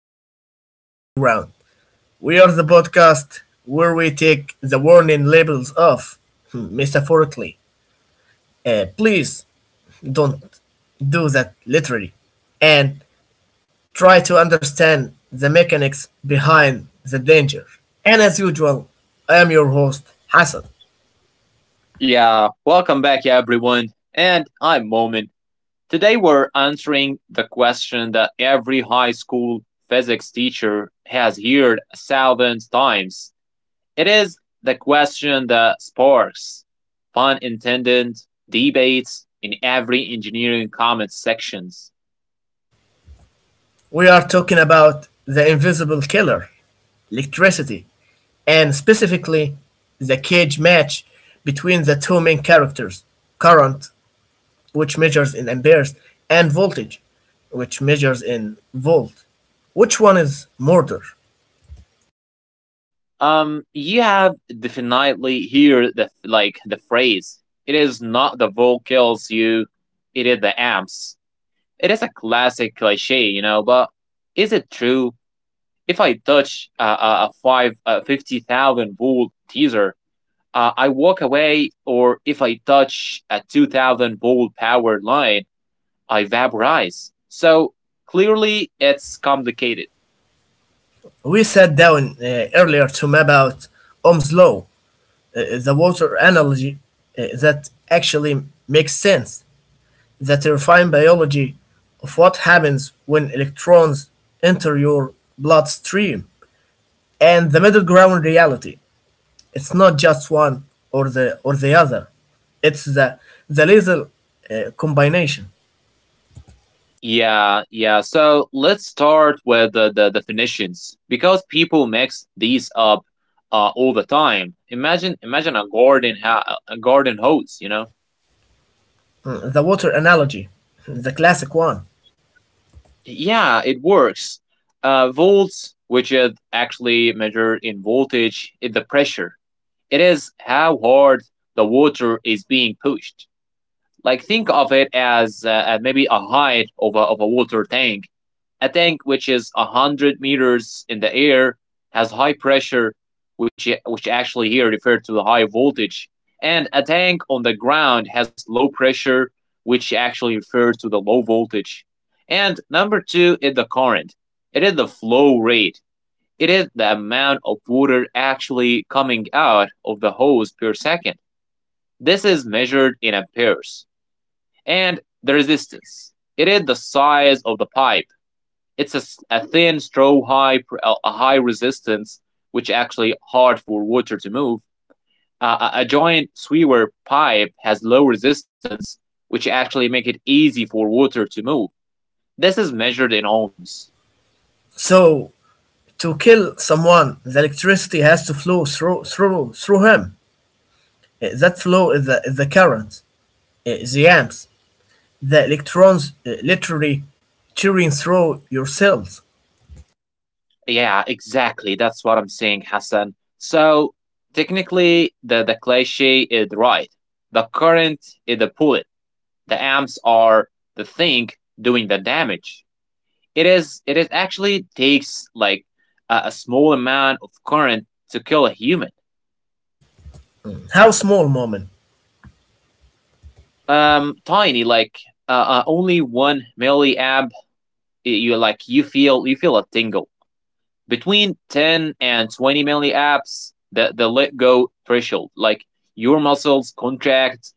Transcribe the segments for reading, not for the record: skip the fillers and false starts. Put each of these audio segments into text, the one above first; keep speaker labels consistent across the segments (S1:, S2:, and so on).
S1: episode of The Middle Ground. We are the podcast where we take the warning labels off, metaphorically. Please don't do that literally, and try to understand the mechanics behind the danger. And as usual, I am your host, Hassan.
S2: Yeah, welcome back everyone. And I'm Moment. Today we're answering the question that every high school physics teacher has heard thousands times. It is the question that sparks, pun intended, debates in every engineering comment sections.
S1: We are talking about the invisible killer, electricity, and specifically the cage match between the two main characters current, which measures in amperes, and voltage, which measures in volt. Which one is murder?
S2: You have definitely heard the phrase, it is not the vote kills you, it is the amps. It is a classic cliche, but is it true? If I touch a five 50,000 volt teaser, I walk away, or if I touch a 2,000 volt powered line, I vaporize. So clearly, it's complicated.
S1: We sat down earlier to map out Ohm's law, the water analogy that actually makes sense. The terrifying biology of what happens when electrons enter your bloodstream and the middle ground reality. It's not just one or the other. It's the lethal combination.
S2: Yeah, yeah. So let's start with the definitions because people mix these up all the time. Imagine a garden hose. You know.
S1: Mm, the water analogy, the classic one.
S2: Yeah, it works. Volts, which is actually measured in voltage, is the pressure. It is how hard the water is being pushed. Like, think of it as maybe a height of a water tank. A tank which is 100 meters in the air has high pressure, which actually here referred to the high voltage. And a tank on the ground has low pressure, which actually refers to the low voltage. And number 2 is the current. It is the flow rate. It is the amount of water actually coming out of the hose per second. This is measured in amperes. And the resistance, it is the size of the pipe. It's a thin straw, high, a high resistance, which actually hard for water to move. A giant sweeper pipe has low resistance, which actually make it easy for water to move. This is measured in ohms.
S1: So to kill someone, the electricity has to flow through him. That flow is the current, the amps, the electrons literally tearing through your cells.
S2: Yeah, exactly, that's what I'm saying, Hassan. So technically the cliche is right. The current is the pullet. The amps are the thing doing the damage. It is actually takes like a small amount of current to kill a human.
S1: How small, moment.
S2: Tiny, like, only 1 milliamp. You feel a tingle. Between 10 and 20 milliamps, the let go threshold, like, your muscles contract.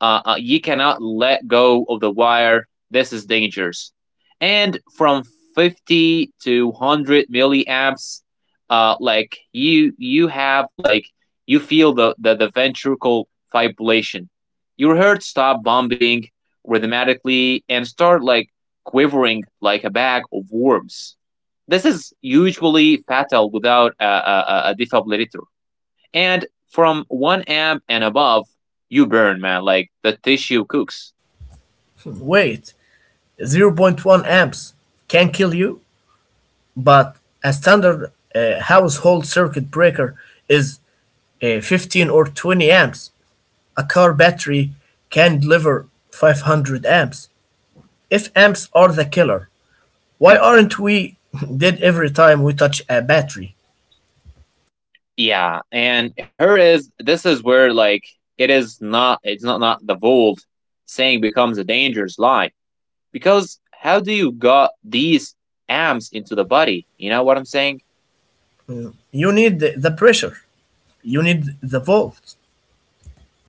S2: You cannot let go of the wire. This is dangerous. And from 50 to 100 milliamps, like, you have, like, you feel the ventricle fibrillation. Your heart stop pumping rhythmically and start, like, quivering like a bag of worms. This is usually fatal without a defibrillator. And from 1 amp and above, you burn, man. Like, the tissue cooks.
S1: Wait, zero point 0.1 amps can kill you, but a standard household circuit breaker is 15 or 20 amps. A car battery can deliver 500 amps. If amps are the killer, why aren't we dead every time we touch a battery?
S2: Yeah, and here is this is where, like, it's not the vault saying becomes a dangerous lie, because how do you got these amps into the body? You know what I'm saying?
S1: You need the pressure, you need the volts.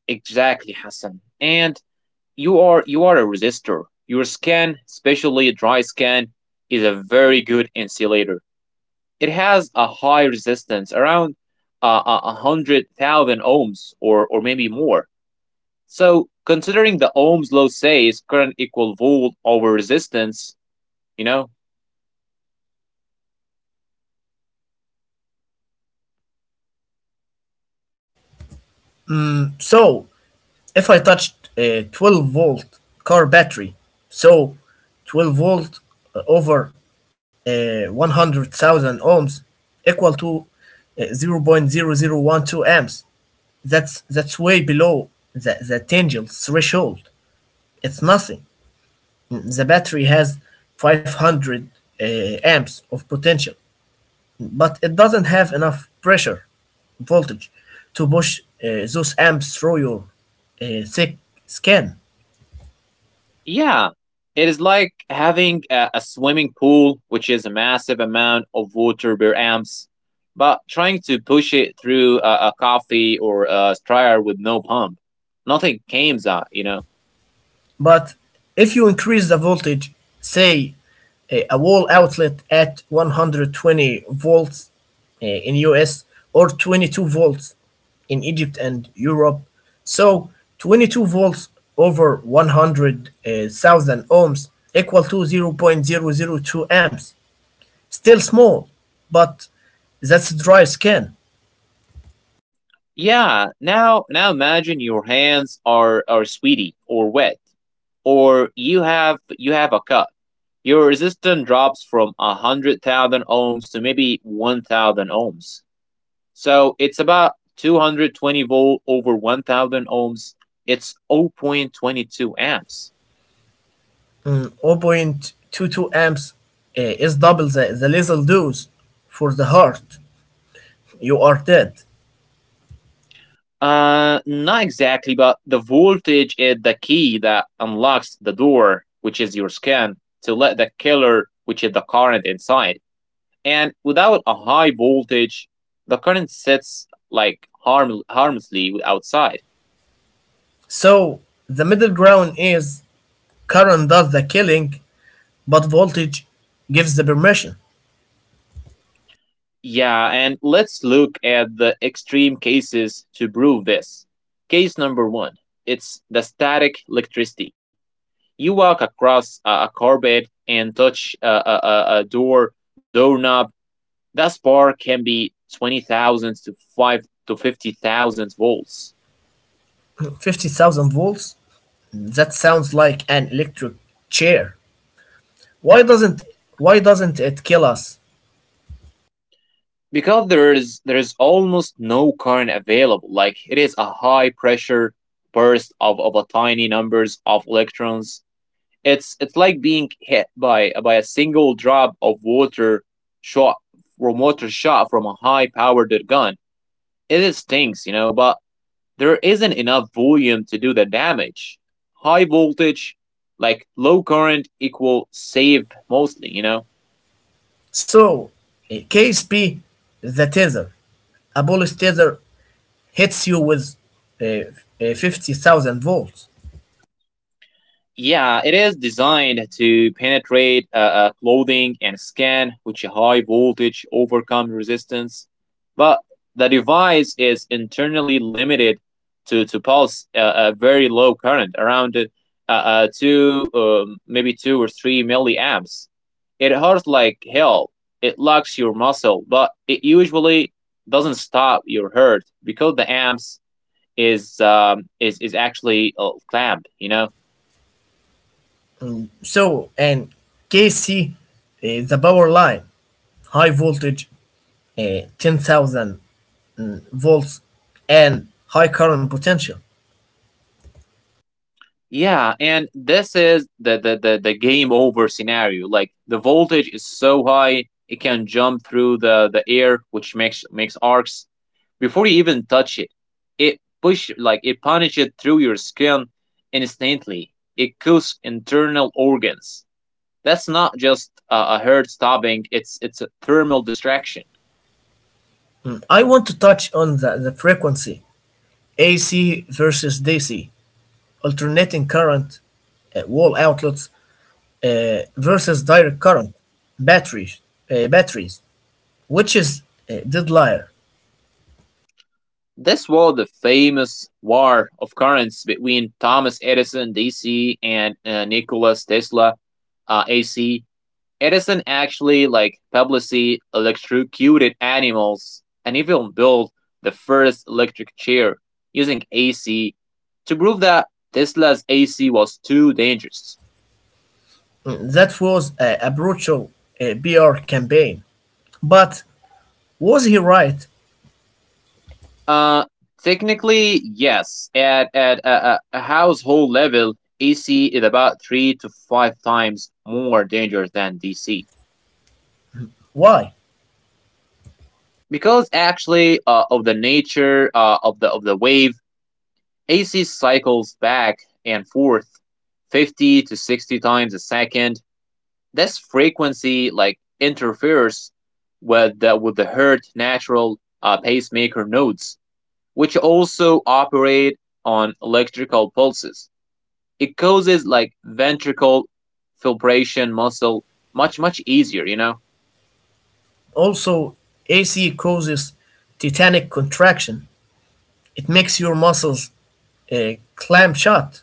S2: Exactly, Hassan. And you are a resistor. Your skin, especially dry skin, is a very good insulator. It has a high resistance, around 100,000 ohms or maybe more. So considering the Ohm's law says current equal volt over resistance, you know,
S1: So, if I touched a 12-volt car battery, so 12 volt over 100,000 ohms equal to 0.0012 amps. That's way below the tangent threshold. It's nothing. The battery has 500 uh, amps of potential, but it doesn't have enough pressure voltage to push those amps through your thick skin.
S2: yeah, it is like having a swimming pool, which is a massive amount of water per amps, but trying to push it through a coffee or a strayer with no pump. Nothing comes out.
S1: But if you increase the voltage, say a wall outlet at 120 volts in US or 22 volts in Egypt and Europe, so 22 volts over 100,000 ohms equal to 0.00 0.002 amps. Still small, but that's dry skin.
S2: Yeah, now imagine your hands are sweaty or wet, or you have a cut. Your resistance drops from 100,000 ohms to maybe 1,000 ohms. So it's about 220 volt over 1,000 ohms. It's 0.22 amps.
S1: Mm, 0.22 amps is double the lethal dose for the heart. You are dead.
S2: Not exactly, but the voltage is the key that unlocks the door, which is your skin, to let the killer, which is the current, inside. And without a high voltage, the current sets like harmlessly outside.
S1: So the middle ground is current does the killing, but voltage gives the permission.
S2: Yeah, and let's look at the extreme cases to prove this. Case number one, it's the static electricity. You walk across a carpet and touch a doorknob. That spark can be 20,000 to 5 to 50,000 volts.
S1: 50,000 volts? That sounds like an electric chair. Why doesn't why doesn't it kill us?
S2: Because there is almost no current available. Like, it is a high pressure burst of a tiny numbers of electrons. It's like being hit by a single drop of water shot from a high powered gun. It stinks, but there isn't enough volume to do the damage. High voltage, like low current, equal save mostly.
S1: So KSP the tether. A bullet tether hits you with eh, 50,000 volts.
S2: Yeah, it is designed to penetrate clothing and skin, which a high voltage overcome resistance. But the device is internally limited to pulse a very low current, around maybe 2 or 3 milliamps. It hurts like hell. It locks your muscle, but it usually doesn't stop your hurt because the amps is actually clamped. You know.
S1: So and KC the power line high voltage 10,000 volts and high current potential.
S2: Yeah, and this is the game over scenario. Like, the voltage is so high it can jump through the air, which makes arcs before you even touch it. It push like it punishes it through your skin instantly. It kills internal organs. That's not just a heart stopping. It's a thermal distraction.
S1: Mm, I want to touch on the frequency AC versus DC, alternating current, wall outlets versus direct current, batteries, batteries, which is dead liar.
S2: This was the famous war of currents between Thomas Edison, DC, and Nikola Tesla, AC. Edison actually, like, publicly electrocuted animals and even built the first electric chair using AC to prove that Tesla's AC was too dangerous.
S1: Mm, that was a brutal BR campaign. But was he right?
S2: Uh, technically, yes. At a household level, AC is about three to five times more dangerous than DC,
S1: Why?
S2: because actually of the nature of the wave. AC cycles back and forth 50 to 60 times a second. This frequency, like, interferes with the herd natural pacemaker nodes, which also operate on electrical pulses. It causes, like, ventricle filtration muscle much easier.
S1: Also, AC causes tetanic contraction. It makes your muscles a clam shot.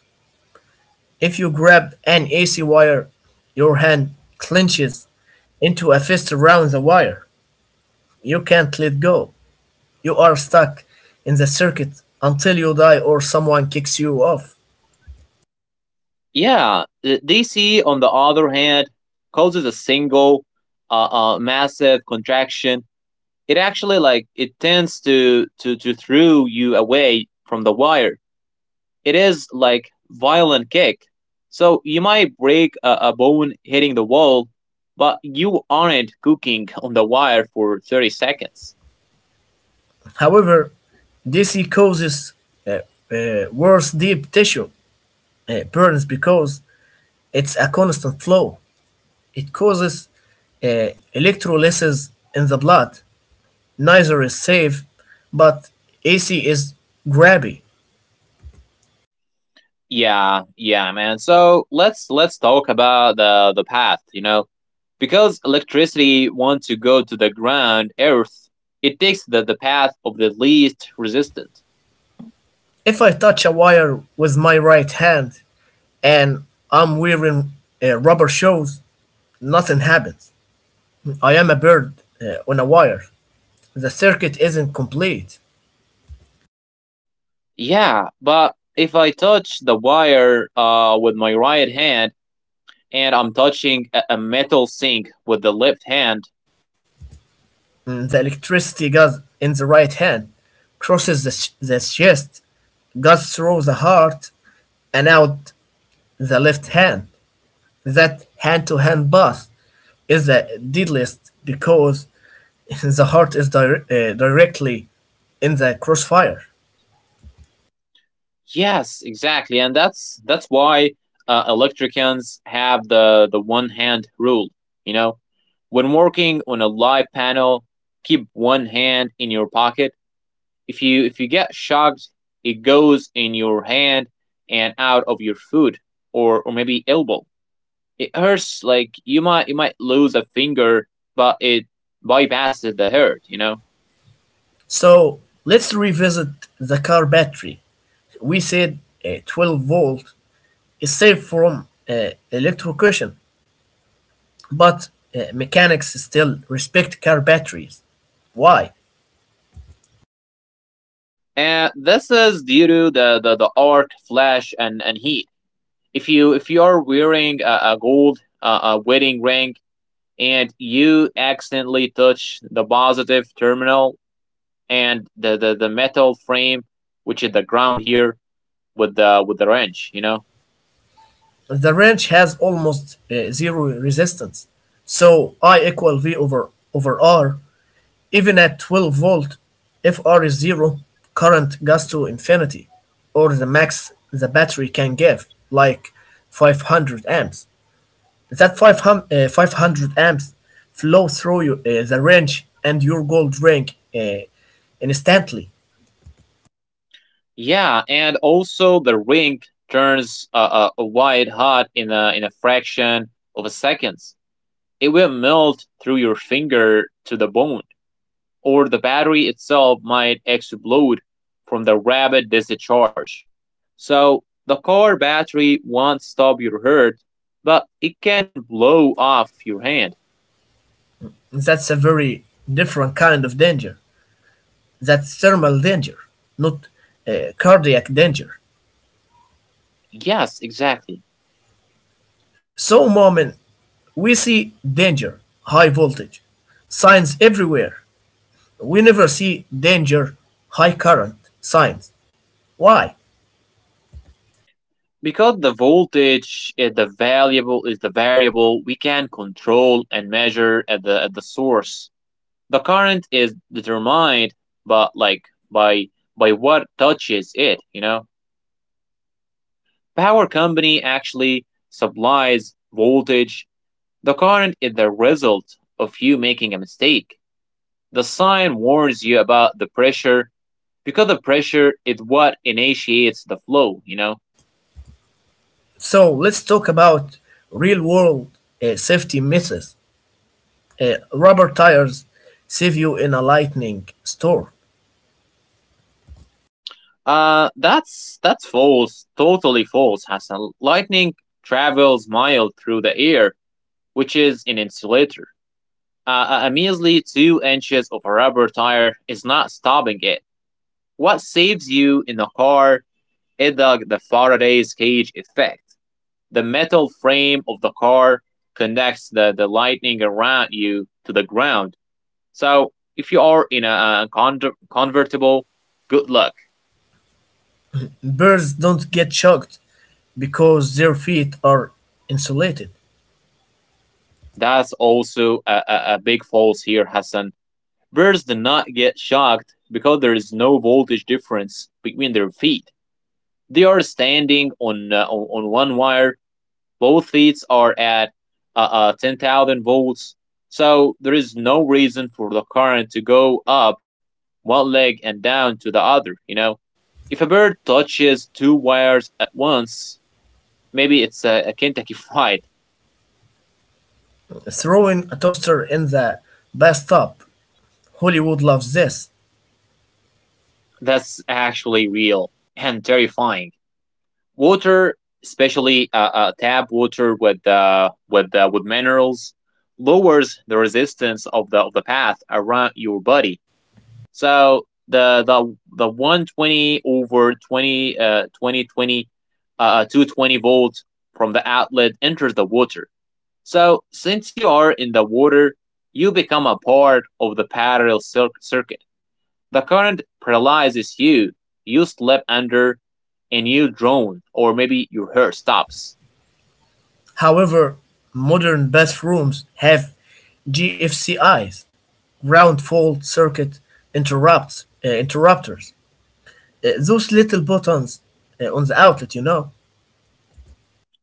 S1: If you grab an AC wire, your hand clenches into a fist around the wire. You can't let go. You are stuck in the circuit until you die or someone kicks you off.
S2: Yeah, the DC on the other hand causes a single massive contraction. It actually, like, it tends to throw you away from the wire. It is like violent kick, so you might break a bone hitting the wall, but you aren't cooking on the wire for 30 seconds.
S1: However, DC causes uh, worse deep tissue burns because it's a constant flow. It causes electrolysis in the blood. Neither is safe, but AC is grabby.
S2: Yeah, yeah, man. So let's talk about the path, because electricity wants to go to the ground, Earth. It takes the path of the least resistance.
S1: If I touch a wire with my right hand and I'm wearing rubber shoes, nothing happens. I am a bird on a wire. The circuit isn't complete.
S2: Yeah, but if I touch the wire with my right hand, and I'm touching a metal sink with the left hand,
S1: Mm, the electricity goes in the right hand, crosses the chest, goes through the heart, and out the left hand. That hand to hand path is the deadliest because the heart is directly in the crossfire.
S2: yes, exactly, and that's why electricians have the one hand rule. You know, when working on a live panel, keep one hand in your pocket. If you get shocked, it goes in your hand and out of your foot, or maybe elbow. It hurts, like, you might lose a finger, but it bypasses the hurt. You know,
S1: So let's revisit the car battery. We said 12 volt is safe from electrocution, but mechanics still respect car batteries. Why?
S2: and this is due to the arc, flash, and heat. If you are wearing a wedding ring, and you accidentally touch the positive terminal and the metal frame, which is the ground here, with the wrench.
S1: The wrench has almost zero resistance. So I equal V over R. Even at 12-volt, if R is zero, current goes to infinity, or the max the battery can give, like 500 amps. That 500, amps flow through you, the wrench and your gold ring uh, instantly.
S2: Yeah, and also the ring turns a white hot in a fraction of a seconds. It will melt through your finger to the bone, or the battery itself might explode from the rapid discharge. So the car battery won't stop your hurt, but it can blow off your hand.
S1: That's a very different kind of danger. That's thermal danger, not cardiac danger.
S2: Yes, exactly.
S1: So, moment we see danger, high voltage, signs everywhere. We never see danger, high current, signs. Why?
S2: Because the voltage is the variable we can control and measure at the source. The current is determined, but, like, by by what touches it. Power company actually supplies voltage. The current is the result of you making a mistake. The sign warns you about the pressure because the pressure is what initiates the flow, you know?
S1: So, let's talk about real world safety methods. Rubber tires save you in a lightning storm.
S2: That's false. Totally false, Hassan. Lightning travels miles through the air, which is an insulator. A measly 2 inches of a rubber tire is not stopping it. What saves you in the car is the Faraday's cage effect. The metal frame of the car connects the lightning around you to the ground. So if you are in a convertible, good luck.
S1: Birds don't get shocked because their feet are insulated.
S2: That's also a big false here, Hassan. Birds do not get shocked because there is no voltage difference between their feet. They are standing on one wire. Both feeds are at 10,000 volts, so there is no reason for the current to go up one leg and down to the other, you know? If a bird touches two wires at once, maybe it's a Kentucky Fried.
S1: Throwing a toaster in the bathtub, Hollywood loves this.
S2: That's actually real and terrifying. Water, especially tap water with minerals, lowers the resistance of the path around your body. So the 120 over 20 2020 220 volts from the outlet enters the water. So since you are in the water, you become a part of the parallel circuit. The current paralyzes you. You slip under and you drown, or maybe your hair stops.
S1: However, modern bathrooms have GFCIs, ground fault circuit interrupts interrupters. Those little buttons on the outlet.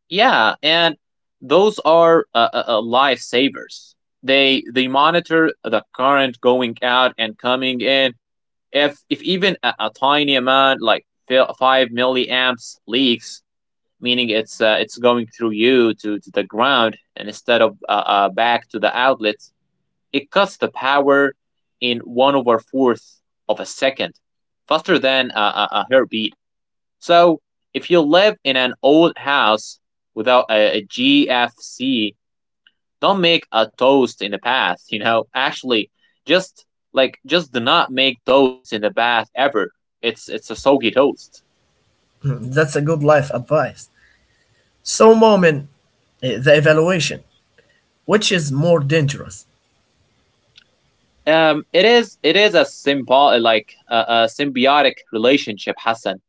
S2: Yeah, and those are lifesavers. They monitor the current going out and coming in. If even a tiny amount, like five milliamps, leaks, meaning it's going through you to the ground and instead of back to the outlet, it cuts the power in one over fourth of a second, faster than a heartbeat. So if you live in an old house without a GFC, don't make a toast in the past. Actually, just, just do not make toast in the bath ever. It's a soggy toast.
S1: That's a good life advice. So, moment the evaluation. Which is more dangerous?
S2: It is a symbol like a symbiotic relationship, Hassan.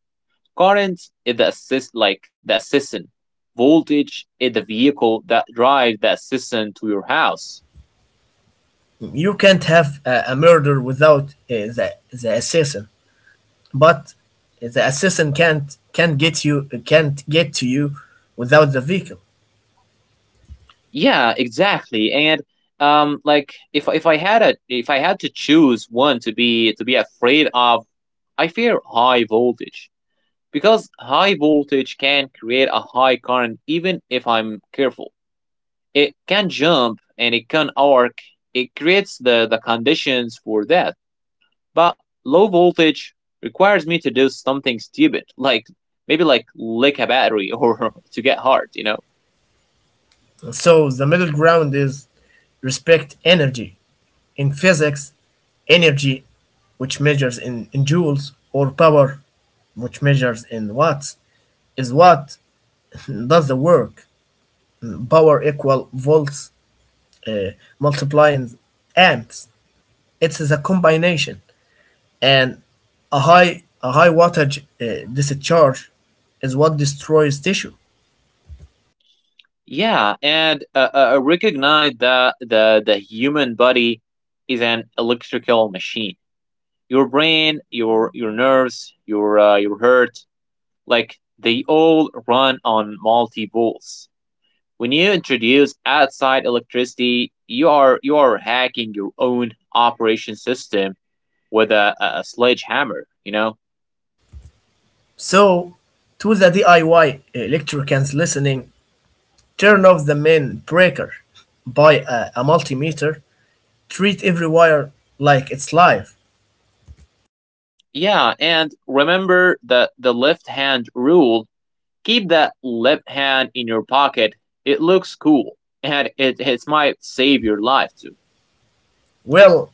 S2: Current is the assistant. Voltage is the vehicle that drives the assistant to your house.
S1: You can't have a murder without uh, the, the assassin, but the assassin can't get to you without the vehicle.
S2: Yeah, exactly. And if I had a if I had to choose one to be afraid of, I fear high voltage because high voltage can create a high current even if I'm careful. It can jump and it can arc. It creates the conditions for that. But low voltage requires me to do something stupid, like, maybe, like, lick a battery or to get hard.
S1: So the middle ground is respect energy. In physics, energy, which measures in joules, or power, which measures in watts, is what does the work. Power equal volts uh, multiplying amps. It is a combination, and a high wattage discharge is what destroys tissue.
S2: Yeah, and recognize that the human body is an electrical machine. Your brain, your nerves, your heart, like, they all run on multi volts. When you introduce outside electricity, you are hacking your own operation system with a sledgehammer.
S1: So, to the DIY electricians listening, turn off the main breaker, buy a multimeter, treat every wire like it's live.
S2: Yeah, and remember the left hand rule. Keep that left hand in your pocket. It looks cool, and it might save your life too.
S1: Well,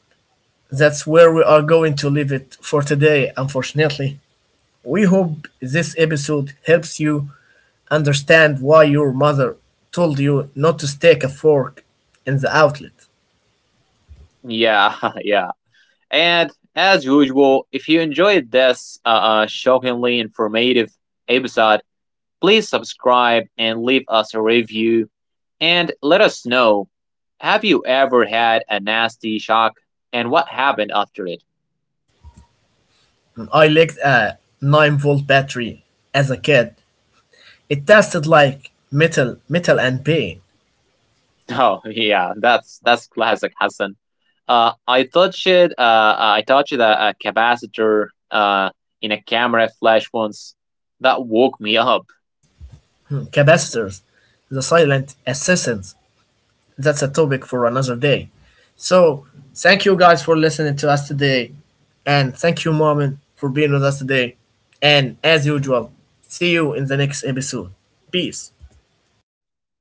S1: that's where we are going to leave it for today, unfortunately. We hope this episode helps you understand why your mother told you not to stick a fork in the outlet.
S2: Yeah, yeah. And as usual, if you enjoyed this shockingly informative episode, please subscribe and leave us a review and let us know: have you ever had a nasty shock and what happened after it?
S1: I liked a 9-volt battery as a kid. It tasted like metal, metal and pain.
S2: Oh yeah, that's classic Hassan. I touched a capacitor uh, in a camera flash once. That woke me up.
S1: Hmm, capacitors, the silent assassins. That's a topic for another day. So thank you guys for listening to us today, and thank you, Mom, for being with us today. And as usual, see you in the next episode. Peace.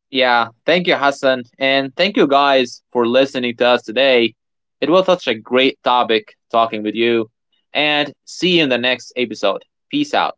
S2: Yeah, thank you, Hassan, and thank you guys for listening to us today. It was such a great topic talking with you, and see you in the next episode. Peace out.